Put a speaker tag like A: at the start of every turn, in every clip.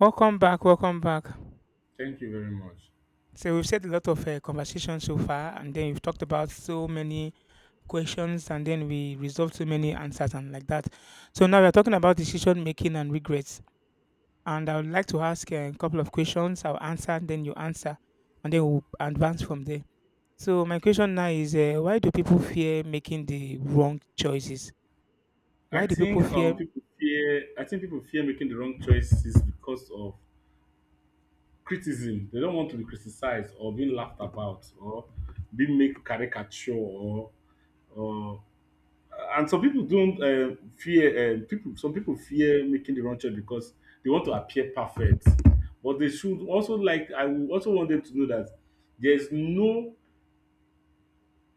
A: Welcome back, welcome back.
B: Thank you very much.
A: So we've said a lot of conversation so far, and then we've talked about so many questions, and then we resolved so many answers and like that. So now we're talking about decision making and regrets. And I would like to ask a couple of questions. I'll answer, then you answer, and then we'll advance from there. So my question now is, why do people fear making the wrong choices?
B: I
A: Why do people
B: think
A: fear?
B: um people fear I think people fear making the wrong choices because of criticism. They don't want to be criticized, or being laughed about, or being made caricature, or. And some people don't fear people some people fear making the wrong choice because they want to appear perfect. But they should also, like, I would also want them to know that there's no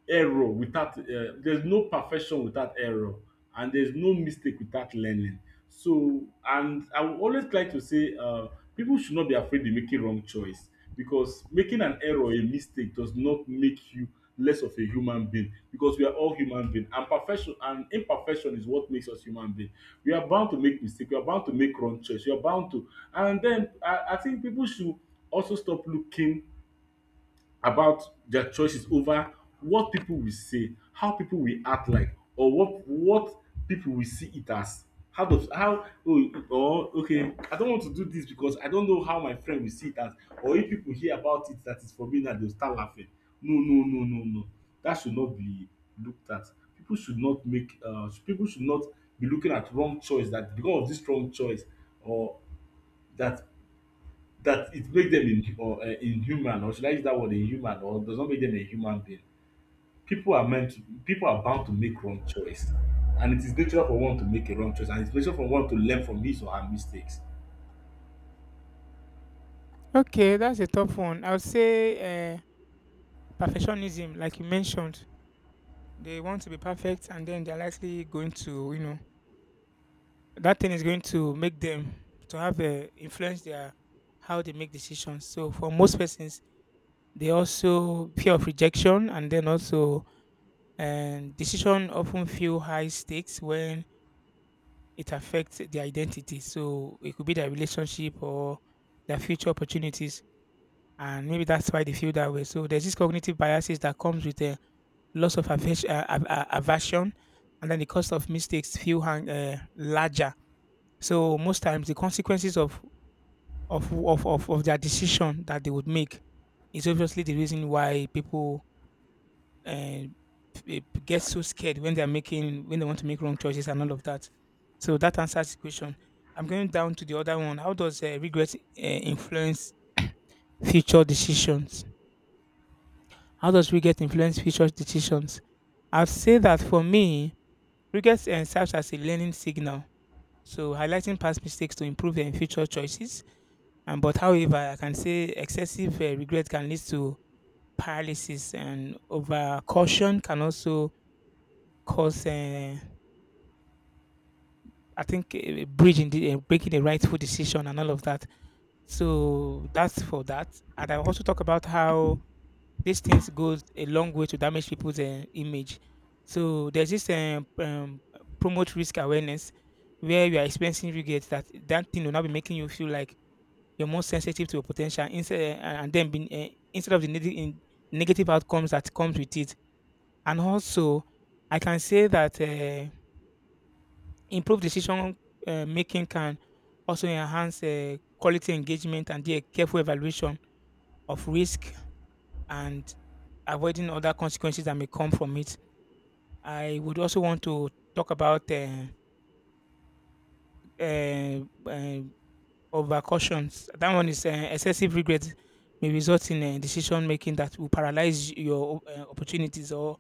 B: error without there's no perfection without error, and there's no mistake without learning. So, and I will always try to say people should not be afraid in making wrong choice, because making an error or a mistake does not make you less of a human being, because we are all human being, and perfection and imperfection is what makes us human being. We are bound to make mistake, we are bound to make wrong choice, we are bound to. And then I think people should also stop looking about their choices over what people will say, how people will act like, or what people will see it as. How does how oh or okay, I don't want to do this because I don't know how my friend will see it as, or if people hear about it that is for me now they'll start laughing. No, no, no, no, no. That should not be looked at. People should not make people should not be looking at wrong choice that because of this wrong choice or that, that it makes them in, or, inhuman, or should I use that word inhuman, or does not make them a human being. People are bound to make wrong choice. And it is natural for one to make a wrong choice, and it's natural for one to learn from his or her mistakes.
A: Okay, that's a tough one. I'll say uh, perfectionism, like you mentioned. They want to be perfect and then they're likely going to, you know, that thing is going to make them to have a influence their how they make decisions. So for most persons, they also fear of rejection, and then also, and decision often feel high stakes when it affects their identity. So it could be their relationship or their future opportunities. And maybe that's why they feel that way. So there's this cognitive biases that comes with loss of affection, aversion, and then the cost of mistakes feel hang, larger. So most times the consequences of of their decision that they would make is obviously the reason why people uh, eh, get so scared when they're making when they want to make wrong choices and all of that. So that answers the question. I'm going down to the other one. How does regret influence future decisions? How does regret influence future decisions? I'd say that for me, regrets serves as a learning signal, so highlighting past mistakes to improve future choices. And but, however, I can say excessive regret can lead to paralysis, and over caution can also cause, bridging the, breaking the rightful decision and all of that. So that's for that. And I also talk about how these things goes a long way to damage people's image. So there's this promote risk awareness where you are experiencing regrets that that thing will now be making you feel like you're more sensitive to your potential instead eh, and then being, instead of the negative in negative outcomes that comes with it. And also, I can say that improved decision making can also enhance quality engagement and the careful evaluation of risk and avoiding other consequences that may come from it. I would also want to talk about uh, uh, overcautions. That one is excessive regret may result in decision making that will paralyze your opportunities or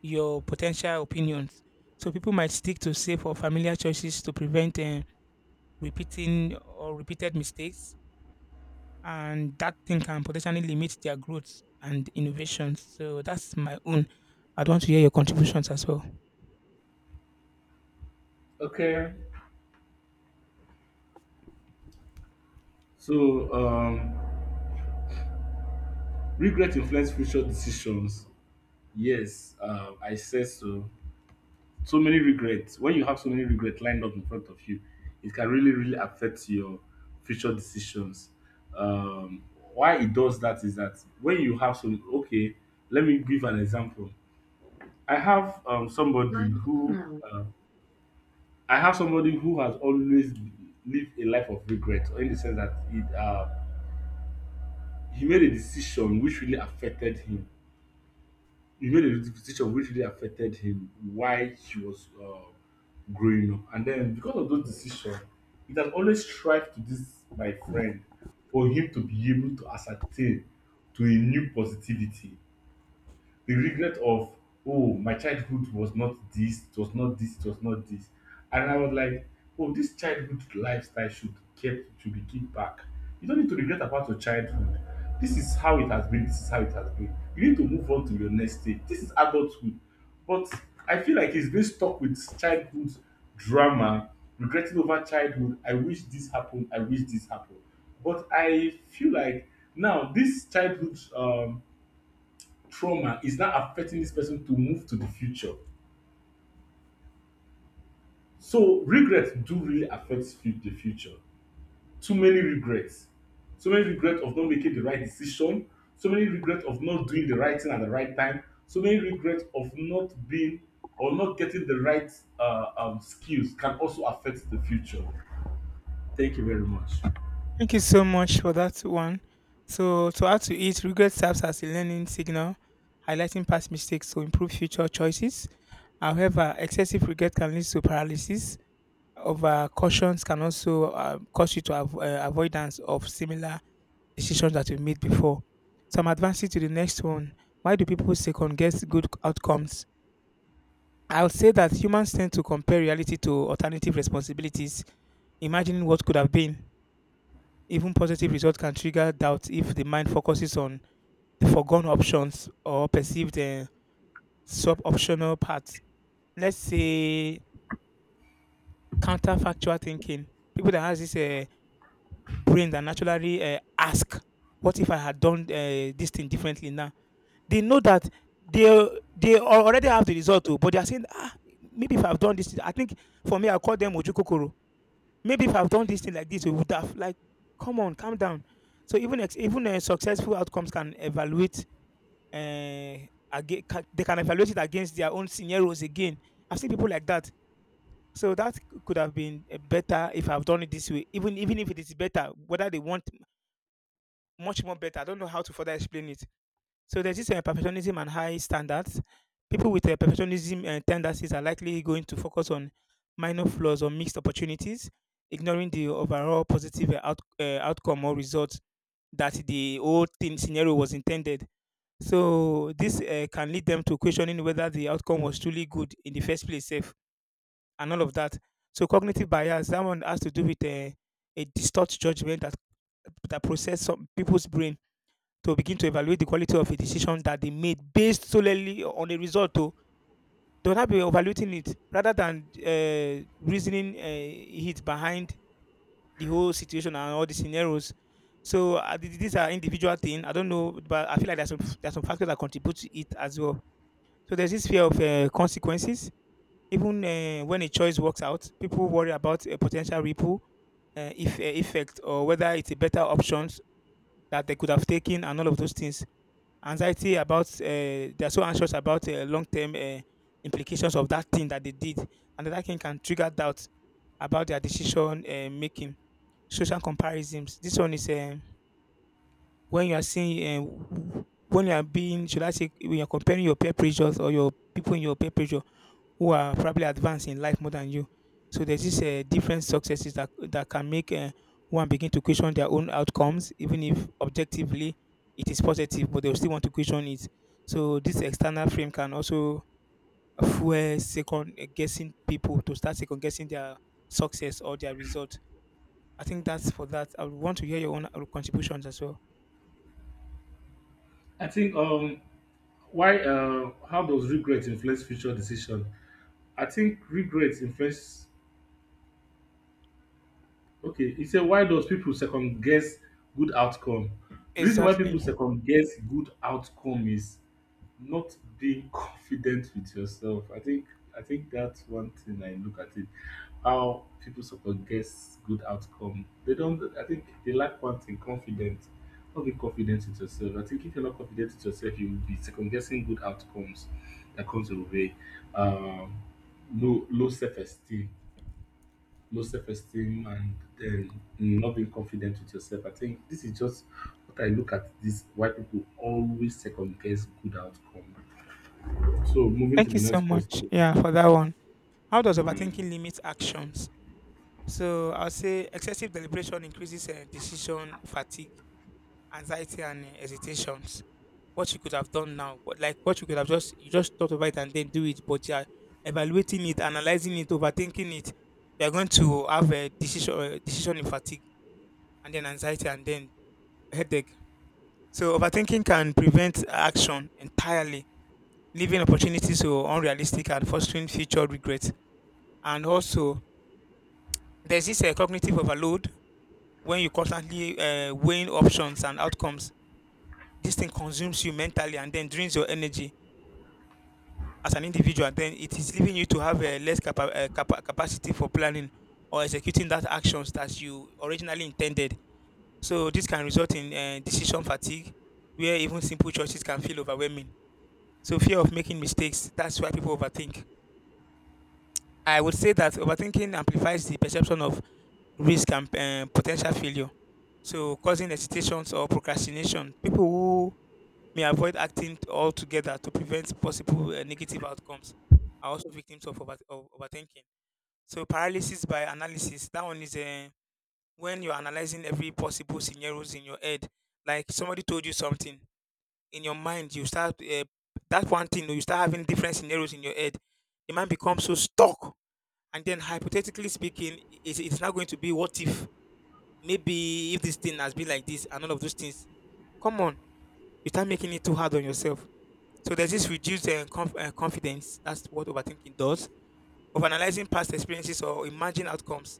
A: your potential opinions. So people might stick to safe or familiar choices to prevent repeating or repeated mistakes, and that thing can potentially limit their growth and innovations. So that's my own. I'd want to hear your contributions as well.
B: Okay. So, regret influence future decisions. Yes, I said so. So many regrets. When you have so many regrets lined up in front of you, it can really, really affect your future decisions. um why it does that is that when you have some, okay, let me give an example. I have somebody
A: Line
B: who
A: email.
B: uh, I have somebody who has always lived a life of regret, in the sense that it he made a decision which really affected him. You made a decision which really affected him while he was growing up. And then because of those decisions, it has always strived to, this my friend, for him to be able to ascertain to a new positivity. The regret of, oh, my childhood was not this, it was not this, it was not this. And I was like, oh, this childhood lifestyle should kept, should be kept back. You don't need to regret about your childhood. This is how it has been, this is how it has been, you need to move on to your next stage, this is adulthood. But I feel like he's been stuck with childhood drama, regretting over childhood, I wish this happened, I wish this happened. But I feel like now this childhood trauma is now affecting this person to move to the future. So regrets do really affect the future. Too many regrets. So many regrets of not making the right decision. So many regrets of not doing the right thing at the right time. So many regrets of not being or not getting the right skills can also affect the future. Thank you very much.
A: Thank you so much for that one. So, to add to it, regret serves as a learning signal, highlighting past mistakes to improve future choices. However, excessive regret can lead to paralysis. Over cautions can also cause you to have avoidance of similar decisions that you made before. So, I'm advancing to the next one. Why do people second guess good outcomes? I would say that humans tend to compare reality to alternative responsibilities, imagining what could have been. Even positive results can trigger doubt if the mind focuses on the foregone options or perceived sub optional paths. Let's say counterfactual thinking. People that has this brain that naturally ask, "What if I had done this thing differently now?" They know that they they already have the result, oh, but they are saying, "Ah, maybe if I've done this, I think for me, I'll call them Ojukokoro. Maybe if I've done this thing like this, we would have like, come on, calm down." So even successful outcomes can evaluate, uh, again, they can evaluate it against their own scenarios again. I've seen people like that. So that could have been better if I've done it this way. Even if it is better, whether they want much more better, I don't know how to further explain it. So there's this perfectionism and high standards. People with perfectionism tendencies are likely going to focus on minor flaws or missed opportunities, ignoring the overall positive outcome or result that the whole thing scenario was intended. So this can lead them to questioning whether the outcome was truly good in the first place, safe, and all of that. So cognitive bias, that one has to do with a distorted judgment that process some people's brain to begin to evaluate the quality of a decision that they made based solely on a result. To they will not be evaluating it rather than reasoning it behind the whole situation and all the scenarios. So these are individual thing. I don't know, but I feel like there's some factors that contribute to it as well. So there's this fear of consequences. Even when a choice works out, people worry about a potential ripple if, effect or whether it's a better option that they could have taken and all of those things. Anxiety about, they're so anxious about long-term implications of that thing that they did, and that thing can trigger doubt about their decision making. Social comparisons, this one is when you are seeing, when you are being, should I say, when you're comparing your peer pressures or your people in your peer pressure who are probably advanced in life more than you. So there's this different successes that that can make one begin to question their own outcomes, even if objectively it is positive, but they will still want to question it. So this external frame can also fuel second guessing, people to start second guessing their success or their result. I think that's for that. I would want to hear your own contributions as well.
B: I think why how does regret influence future decision? I think regret influence Okay, he said, why does people second guess good outcome? The reason why people
A: Exactly.
B: second guess good outcome is not being confident with yourself. I think, I think that's one thing I look at it. How people second guess good outcome. They don't I think they lack one thing: confidence. Not being confident with yourself. I think if you're not confident with yourself, you will be second guessing good outcomes that comes your way. Um low self esteem, low self-esteem, and then not being confident with yourself. I think this is just what I look at this why people always second guess good outcome. So moving to
A: Thank
B: the
A: you so
B: next
A: much.
B: question.
A: Yeah, for that one. How does
B: Mm.
A: overthinking limit actions? So I'll say excessive deliberation increases decision fatigue, anxiety, and hesitations. What you could have done now, what, like what you could have just you just thought about it and then do it, but you are evaluating it, analyzing it, overthinking it. You are going to have a decision in fatigue, and then anxiety, and then headache. So overthinking can prevent action entirely, leaving opportunities to unrealistic and fostering future regrets. And also, there's this cognitive overload when you constantly weighing options and outcomes, this thing consumes you mentally and then drains your energy as an individual. Then it is leaving you to have less capacity for planning or executing that actions that you originally intended. So this can result in decision fatigue, where even simple choices can feel overwhelming. So fear of making mistakes. That's why people overthink. I would say that overthinking amplifies the perception of risk and potential failure. So causing hesitations or procrastination. People who may avoid acting altogether to prevent possible negative outcomes are also victims of, of overthinking. So paralysis by analysis, that one is when you're analyzing every possible scenarios in your head. Like somebody told you something in your mind, you start that one thing, you start having different scenarios in your head. The mind becomes so stuck, and then hypothetically speaking, it's not going to be what if maybe if this thing has been like this and all of those things. Come on, you start making it too hard on yourself. So there's this reduced confidence. That's what overthinking does. Of analyzing past experiences or imagined outcomes,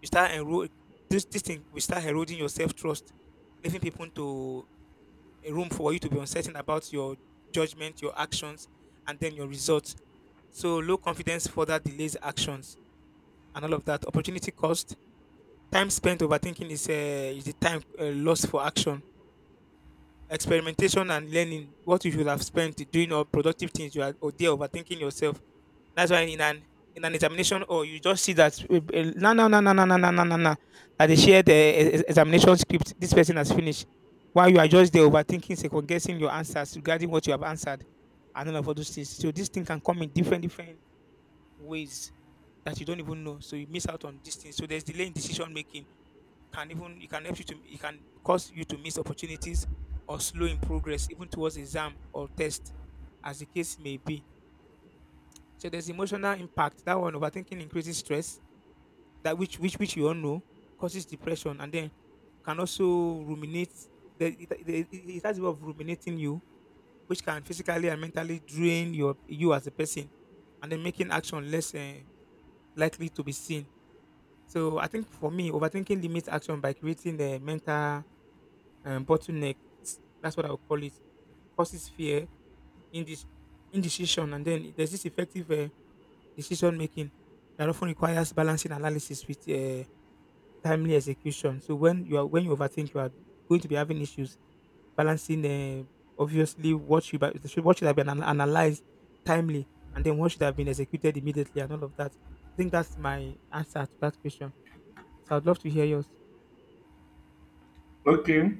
A: you this thing will start eroding your self trust, leaving people to a room for you to be uncertain about your judgment, your actions, and then your results. So low confidence further delays actions and all of that. Opportunity cost, time spent overthinking is, is the time lost for action. Experimentation and learning, what you should have spent doing all productive things, you are or there overthinking yourself. That's why in an examination, or you just see that eh, eh, na na na na na na na na na na, that they shared the eh, eh, examination script. This person has finished, while you are just there overthinking, second guessing your answers regarding what you have answered, and all of all those things. So this thing can come in different different ways that you don't even know. So you miss out on these things. So there's delay in decision making. Can even it can help you to it can cause you to miss opportunities or slow in progress even towards exam or test, as the case may be. So there's emotional impact. That one, overthinking, increases stress, that which you all know causes depression, and then can also ruminate. The, it has a way of ruminating you, which can physically and mentally drain you as a person, and then making action less likely to be seen. So I think for me, overthinking limits action by creating the mental bottleneck. That's what I would call it. Causes fear, indec- indecision, and then there's this effective decision making that often requires balancing analysis with timely execution. So when you overthink, you are going to be having issues balancing. Obviously, what should have been analyzed timely, and then what should have been executed immediately, and all of that. I think that's my answer to that question. So I'd love to hear yours.
B: Okay.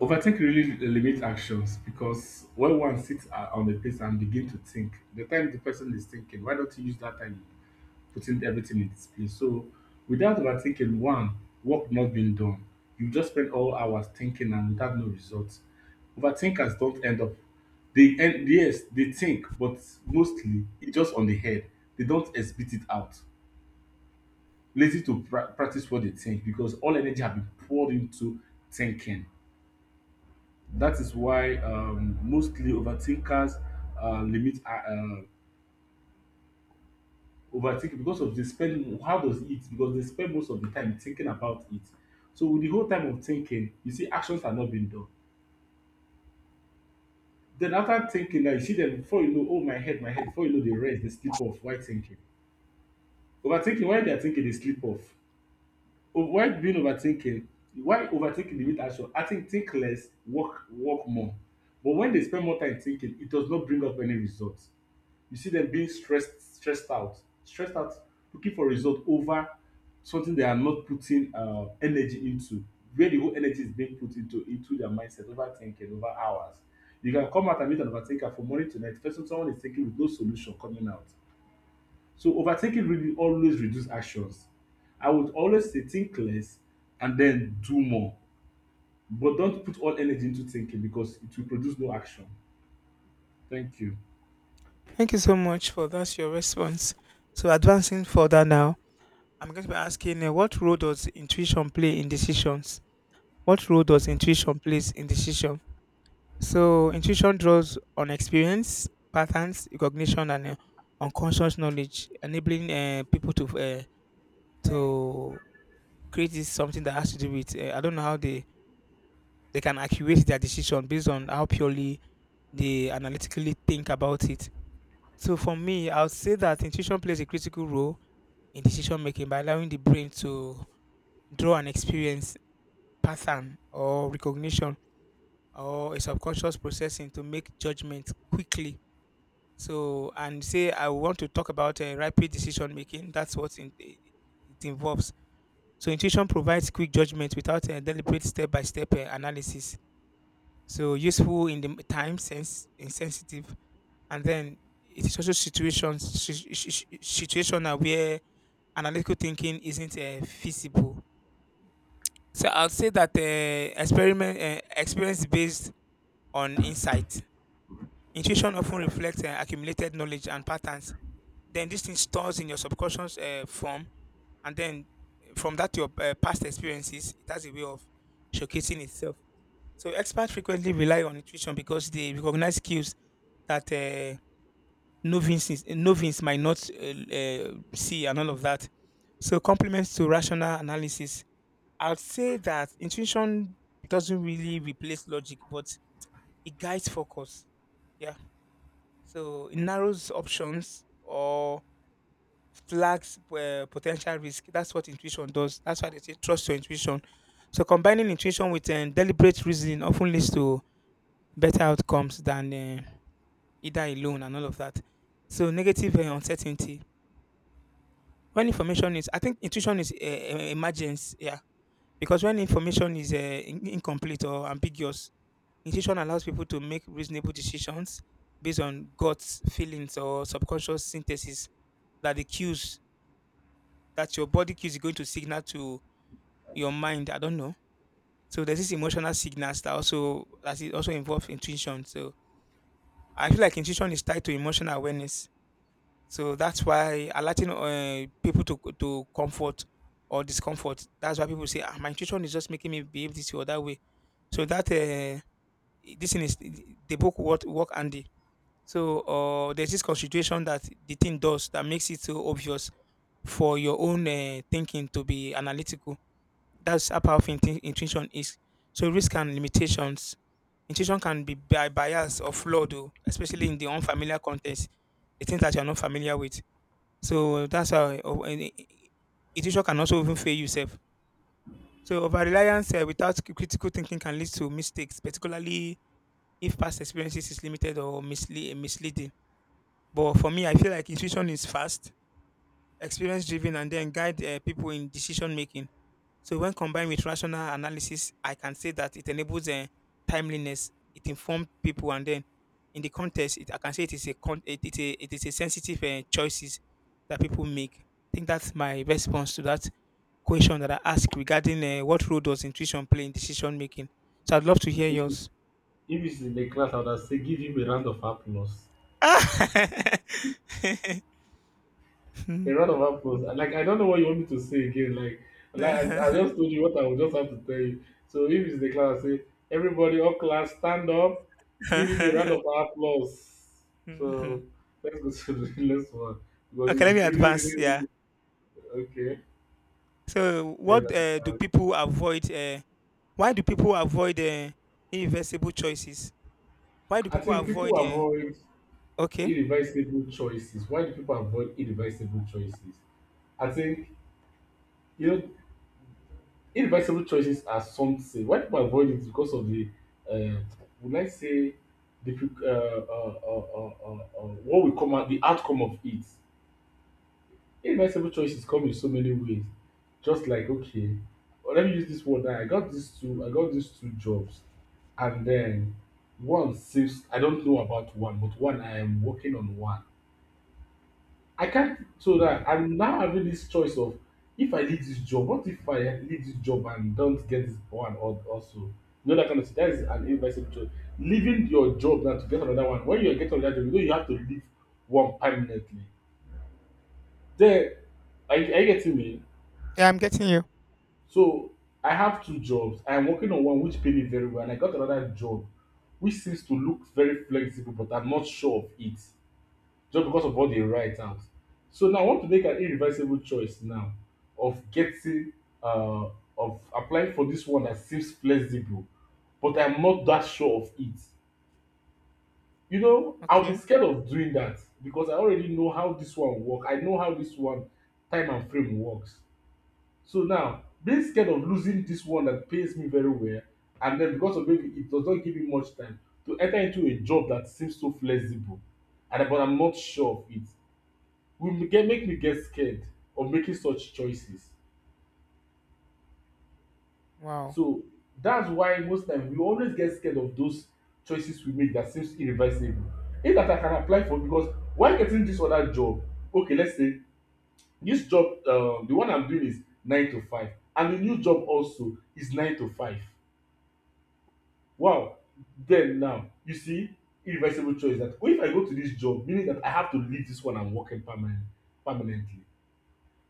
B: Overthink really limits actions, because when one sits on the place and begin to think, the time the person is thinking, why don't you use that time putting everything in its place. So without overthinking, one, work not being done. You just spend all hours thinking and without no results. Overthinkers don't end up, they end yes, they think, but mostly it's just on the head. They don't spit it out. Lazy to practice what they think because all energy have been poured into thinking. That is why mostly overthinkers limit overthinking because of, they spend, how does it eat, because they spend most of the time thinking about it. So with the whole time of thinking, you see actions are not being done. Then after thinking, now you see them, before you know, oh my head, my head, before you know, they rest, they sleep off, why thinking, overthinking, why they are thinking they sleep off. Oh, why being overthinking, why overthinking limit action. I think less, work work more. But when they spend more time thinking, it does not bring up any result. You see them being stressed, stressed out, looking for result over something they are not putting energy into, where the whole energy is being put into their mindset, overthinking, over hours. You can come out and meet an overthinker from morning to night. First, someone is thinking with no solution coming out. So overthinking really always reduce actions. I would always say think less and then do more. But don't put all energy into thinking because it will produce no action. Thank you.
A: Thank you so much for that. Your response. So advancing further now, I'm going to be asking what role does intuition play in decisions? What role does intuition plays in decisions? So intuition draws on experience, patterns, recognition, and unconscious knowledge, enabling people to create this something that has to do with. I don't know how they can accurate their decision based on how purely they analytically think about it. So for me, I would say that intuition plays a critical role in decision making by allowing the brain to draw an experience pattern or recognition or a subconscious processing to make judgments quickly. So, and say I want to talk about rapid decision making. That's what in, eh, it involves. So intuition provides quick judgment without a deliberate step by step analysis. So, useful in the time sense, insensitive, and then it is also situations si- si- si- situational where analytical thinking isn't feasible. So I'll say that experiment experience based on insight. Intuition often reflects accumulated knowledge and patterns, then this thing stores in your subconscious form, and then from that your past experiences, it has a way of showcasing itself. So experts frequently rely on intuition because they recognize skills that novices might not see, and all of that. So compliments to rational analysis, I'd say that intuition doesn't really replace logic, but it guides focus. Yeah. So it narrows options or flags potential risk. That's what intuition does. That's why they say trust your intuition. So combining intuition with deliberate reasoning often leads to better outcomes than either alone, and all of that. So negative uncertainty. When information is, I think intuition is emergence. Yeah, because when information is incomplete or ambiguous, intuition allows people to make reasonable decisions based on guts, feelings, or subconscious synthesis, that the cues, that your body cues is going to signal to your mind. I don't know. So there's this emotional signals, that also that is also involves intuition. So I feel like intuition is tied to emotional awareness. So that's why alerting people to comfort or discomfort. That's why people say, ah, my intuition is just making me behave this way or that way. So that this thing is the book work work Andy. So there's this constitution that the thing does that makes it so obvious for your own thinking to be analytical. That's how powerful intuition is. So risk and limitations. Intuition can be by bias or flawed, oh, especially in the unfamiliar context, the things that you are not familiar with. So that's how oh, and intuition can also even fail yourself. So over reliance without critical thinking can lead to mistakes, particularly if past experiences is limited or misleading. But for me, I feel like intuition is fast, experience driven, and then guide people in decision making. So when combined with rational analysis, I can say that it enables a timeliness. It informs people, and then in the context, I can say it is a con- it is a sensitive choices that people make. I think that's my response to that question that I asked regarding what role does intuition play in decision making. So I'd love to hear
B: If if
A: yours.
B: he's in the class, I would have said, give him a round of applause. A
A: Mhm.
B: round of applause. And, like, I don't know what you want me to say again. Like, like I just told you what I would just have to tell you. So if he's in the class, I say, everybody, all class, stand up, give him a round of applause.
A: Mhm.
B: So let's go to the next one. Because
A: Okay, let me
B: you've really,
A: advance.
B: really,
A: Yeah.
B: really, okay.
A: So,
B: Then,
A: what do
B: uh,
A: people avoid? Why do people avoid irreversible choices? Why do
B: I
A: people
B: think
A: avoid?
B: people avoid
A: Okay.
B: irreversible choices. Why do people avoid irreversible choices? I think, you know, irreversible choices are something. Why people avoid it because of the, uh, would I say, the pre- what will come out, the outcome of it. Irreversible choices come in so many ways. Just like okay, well, let me use this word. Now. I got these two jobs, and then one seems, I don't know about one, but one I am working on one. I can't so that I'm now having this choice of, if I leave this job, what if I leave this job and don't get this one or also? You know that kind of thing. That is an irreversible choice. Leaving your job now to get another one. When you get another job, you know you have to leave one permanently. Then, are you getting me?
A: Yeah, I'm getting you.
B: So I have two jobs. I'm working on one which pay me very well, and I got another job which seems to look very flexible, but I'm not sure of it, just because of what they write out. So now I want to make an irreversible choice now of getting uh of applying for this one that seems flexible, but I'm not that sure of it. You know, I'll be
A: Okay.
B: scared of doing that because I already know how this one works. I know how this one time and frame works. So now being scared of losing this one that pays me very well, and then because of maybe it does not give me much time to enter into a job that seems so flexible, and but I'm not sure of it, will get, make me get scared of making such choices.
A: Wow.
B: So that's why most time we always get scared of those choices we make that seems irreversible. If that I can apply for, because while getting this other job, okay, let's say this job, the one I'm doing is nine to five, and the new job also is nine to five. Wow, then now you see irreversible choice, that if I go to this job, meaning that I have to leave this one I'm working permanent, permanently.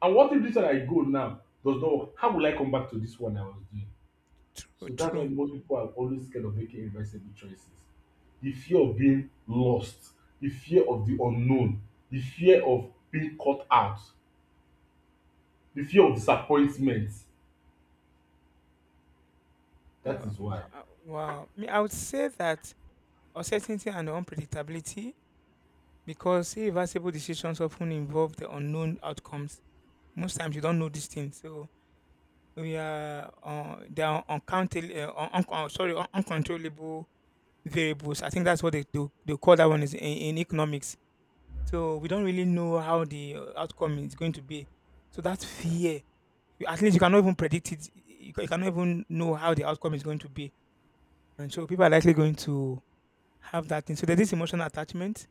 B: And what if this one I go now does not work? How will I come back to this one I was doing?
A: True.
B: So that's why
A: True.
B: most people are always scared of making irreversible choices. The fear of being lost, the fear of the unknown, the fear of being caught out, the fear of disappointment. That is why.
A: Wow. Me, I would say that uncertainty and unpredictability, because irreversible decisions often involve the unknown outcomes. Most times, you don't know these things, so we are they are uncountable. Sorry, uncontrollable variables. I think that's what they do. They call that one is in economics. So we don't really know how the outcome is going to be. So that fear, you- at least you cannot even predict it. You cannot even know how the outcome is going to be. And so people are likely going to have that thing. So there's this emotional attachment.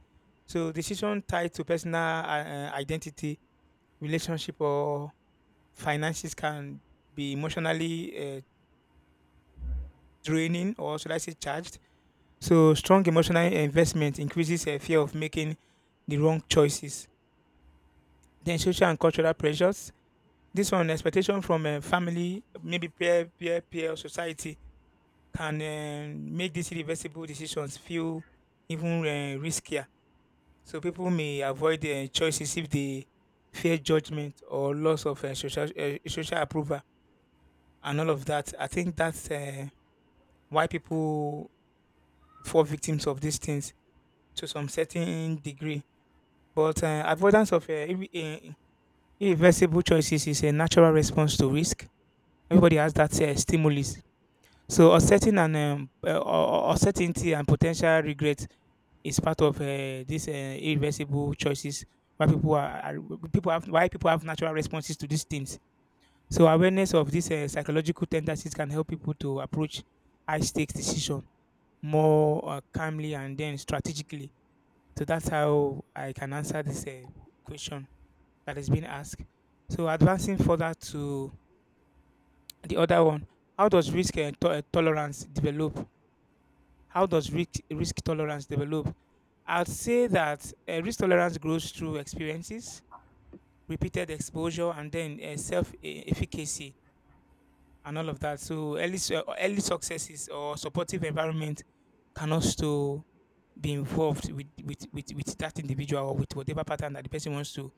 A: So decision tied to personal identity, relationship, or finances can be emotionally draining, or should I say charged. So strong emotional investment increases a fear of making the wrong choices. Then social and cultural pressures. This one, expectation from family, maybe peer or society, can make these irreversible decisions feel even riskier. So people may avoid choices if they fear judgment or loss of social approval, and all of that. I think that's why people fall victims of these things to some certain degree. But avoidance of irreversible choices is a natural response to risk. Everybody has that stimulus. So uncertainty and potential regret is part of these irreversible choices, why people are people have why people have natural responses to these things. So awareness of these psychological tendencies can help people to approach high stakes decision more calmly and then strategically. So that's how I can answer this question that has been asked. So advancing further to the other one, how does risk tolerance develop? How does risk tolerance develop? I'd say that risk tolerance grows through experiences, repeated exposure, and then efficacy, and all of that. So early successes or supportive environment can also be involved with that individual, or with whatever pattern that the person wants to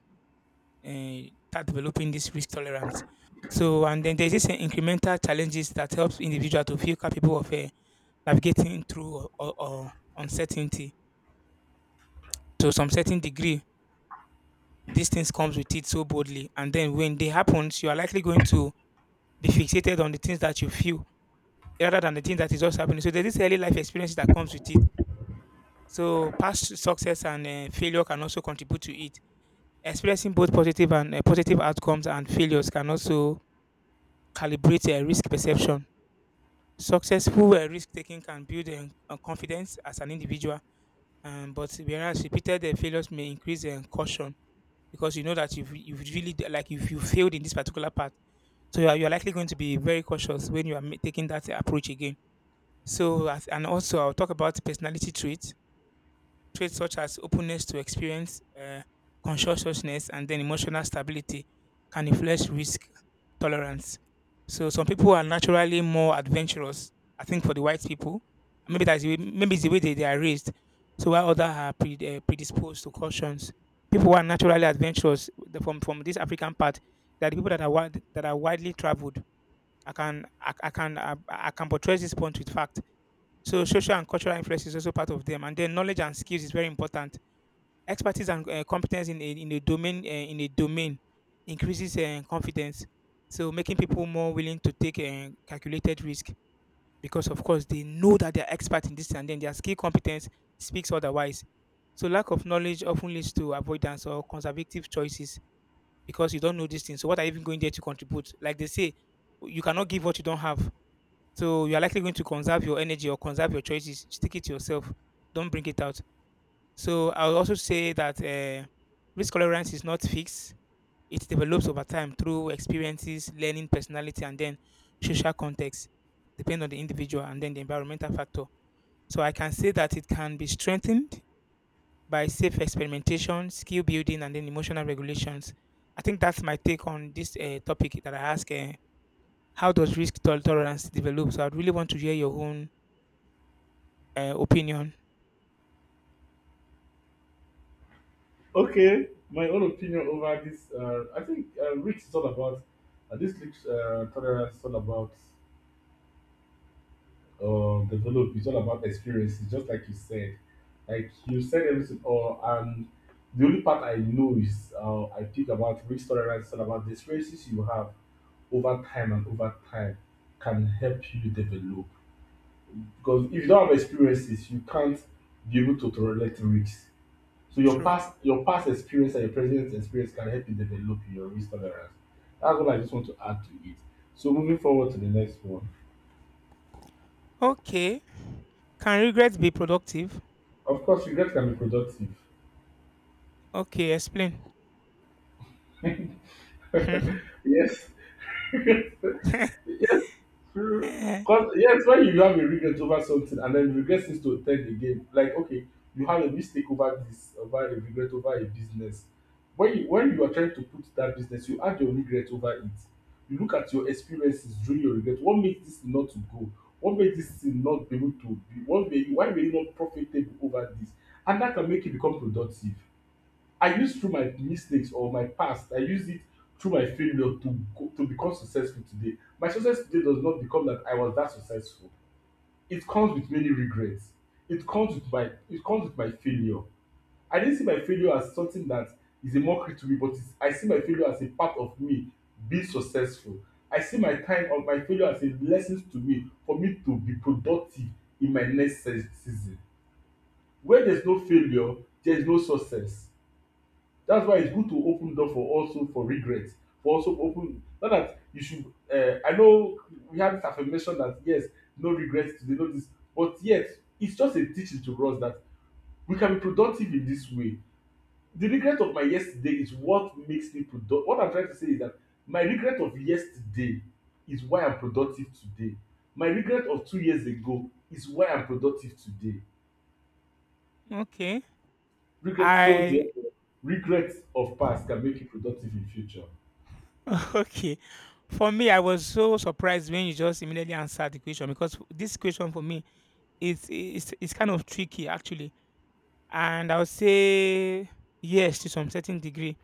A: start developing this risk tolerance. So, and then there's this incremental challenges that helps individual to feel capable of navigating through or uncertainty to some certain degree. These things comes with it so boldly, and then when they happens, you are likely going to be fixated on the things that you feel rather than the thing that is just happening. So there's this early life experience that comes with it. So past success and failure can also contribute to it. Experiencing both positive and positive outcomes and failures can also calibrate risk perception. Successful risk taking can build confidence as an individual, but whereas repeated failures may increase caution, because you know that like if you failed in this particular part, so you're likely going to be very cautious when you are taking that approach again. So as, and also I'll talk about personality traits such as openness to experience, conscientiousness, and then emotional stability can influence risk tolerance. So some people are naturally more adventurous. I think for the white people, maybe that's the way, maybe it's the way they are raised. So while others are predisposed to cautions, people who are naturally adventurous from this African part, they are the people that are widely traveled. I can I can portray this point with fact. So social and cultural influence is also part of them, and then knowledge and skills is very important, expertise and competence in a domain, increases confidence, so making people more willing to take a calculated risk, because of course they know that they're expert in this and then their skill competence speaks otherwise. So lack of knowledge often leads to avoidance or conservative choices, because you don't know this thing, so what are you even going there to contribute? Like they say, you cannot give what you don't have. So you are likely going to conserve your energy or conserve your choices, stick it to yourself, don't bring it out. So I would also say that risk tolerance is not fixed. It develops over time through experiences, learning, personality, and then social context, depending on the individual and then the environmental factor. So I can say that it can be strengthened by safe experimentation, skill building, and then emotional regulations. I think that's my take on this topic that I ask. How does tolerance develop? So I'd really want to hear your own opinion.
B: Okay, my own opinion over this. I think Rick is all about this. Rick's tolerance is all about develop. It's all about experiences, just like you said. Like you said everything, or, and the only part I know is, I think about risk tolerance, it's all about the experiences you have over time, and over time can help you develop. Because if you don't have experiences, you can't be able to tolerate risks. So
A: True.
B: your past experience and your present experience can help you develop your risk tolerance. That's what I just want to add to it. So moving forward to the next one.
A: Okay. Can regrets be productive?
B: Of course, regret can be productive.
A: Okay, explain.
B: Yes, yes, true. Because, yes, when you have a regret over something, and then regret seems to take the game, like, okay, you have a mistake over this, over a regret over a business. When you, when you are trying to put that business, you add your regret over it. You look at your experiences during your regret. What made this not to go? What made this thing not be able to be? What made you, why were you not profitable over this? And that can make you become productive. I used through my mistakes or my past, I used it through my failure to go, to become successful today. My success today does not become that I was that successful. It comes with many regrets. It comes with my failure. I didn't see my failure as something that is a mockery to me, but it's, I see my failure as a part of me being successful. I see my time of my failure as a lesson to me for me to be productive in my next season. Where there's no failure, there's no success. That's why it's good to open door for also for regret, for also open, not that you should, I know we have this affirmation that yes, no regrets today, no this, but yet it's just a teaching to us that we can be productive in this way. The regret of my yesterday is what makes me produc what I'm trying to say is that my regret of yesterday is why I'm productive today. My regret of 2 years ago is why I'm productive today.
A: Okay.
B: Regret so
A: I
B: therefore regret of past can make you productive in future.
A: okay. For me, I was so surprised when you just immediately answered the question, because this question for me is, it's kind of tricky actually, and I would say yes to some certain degree,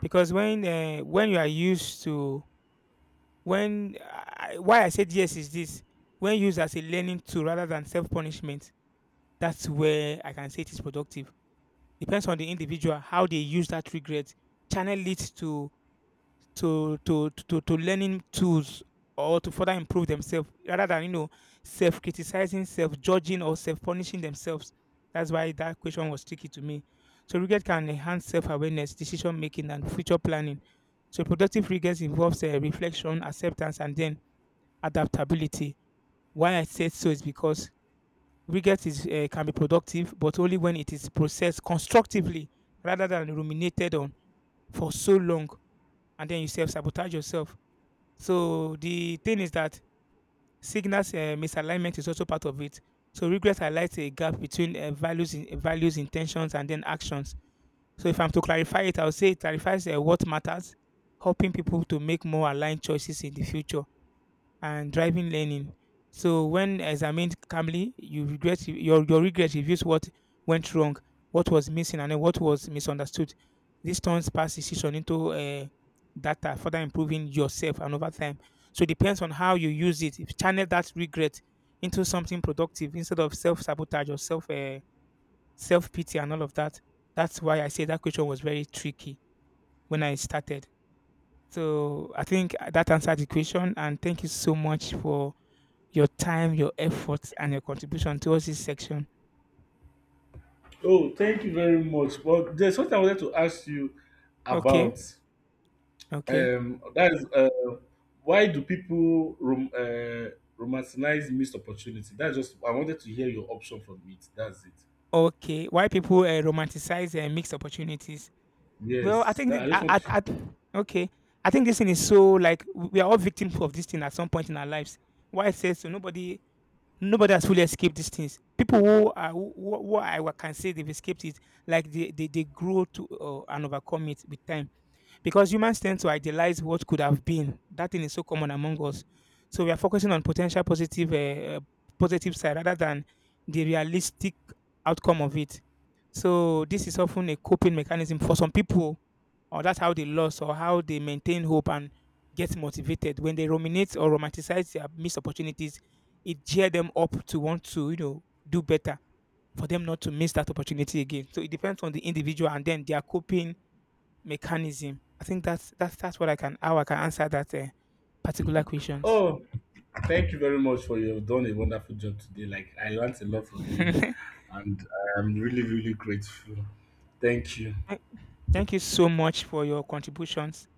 A: because when you are used to, when I, why I said yes is this: when used as a learning tool rather than self punishment, that's where I can say it is productive. Depends on the individual how they use that regret, channel it to learning tools, or to further improve themselves rather than, you know, self-criticizing, self-judging, or self-punishing themselves. That's why that question was tricky to me. So regret can enhance self-awareness, decision making, and future planning. So productive regret involves reflection, acceptance, and then adaptability. Why I said so is because regret is, can be productive, but only when it is processed constructively rather than ruminated on for so long, and then you self-sabotage yourself. So the thing is that signals misalignment is also part of it. So regret highlights a gap between values, values, intentions, and then actions. So if I'm to clarify it, I'll say it clarifies what matters, helping people to make more aligned choices in the future, and driving learning. So when examined calmly, you regret your regret reveals what went wrong, what was missing, and then what was misunderstood. This turns past decision into data, further improving yourself and over time. So it depends on how you use it. If you channel that regret into something productive instead of self sabotage or self pity and all of that. That's why I say that question was very tricky when I started. So I think that answered the question, and thank you so much for your time, your efforts, and your contribution towards this section.
B: Oh, thank you very much. But there's something I wanted to ask you
A: Okay,
B: about.
A: okay,
B: That is, why do people romanticize missed opportunity? That's just, I wanted to hear your option from it. That's it.
A: okay. Why people romanticize mixed opportunities? Well, I
B: Yes,
A: think
B: that, I just
A: that
B: want to.
A: okay, I think this thing is so, like we are all victims of this thing at some point in our lives. Why I say so? Nobody has fully escaped these things. People who are who I can say they've escaped it, like they grow to and overcome it with time. Because humans tend to idealize what could have been. That thing is so common among us. So we are focusing on potential positive, positive side rather than the realistic outcome of it. So this is often a coping mechanism for some people, or that's how they lost or how they maintain hope and get motivated. When they ruminate or romanticize their missed opportunities, it cheer them up to want to, you know, do better for them not to miss that opportunity again. So it depends on the individual and then their coping mechanism. I think that's that's what I can, how I can answer that particular questions.
B: Oh, thank you very much, for you have done a wonderful job today. Like, I learned a lot from you, and I'm really, really grateful. Thank you.
A: Thank you so much for your contributions.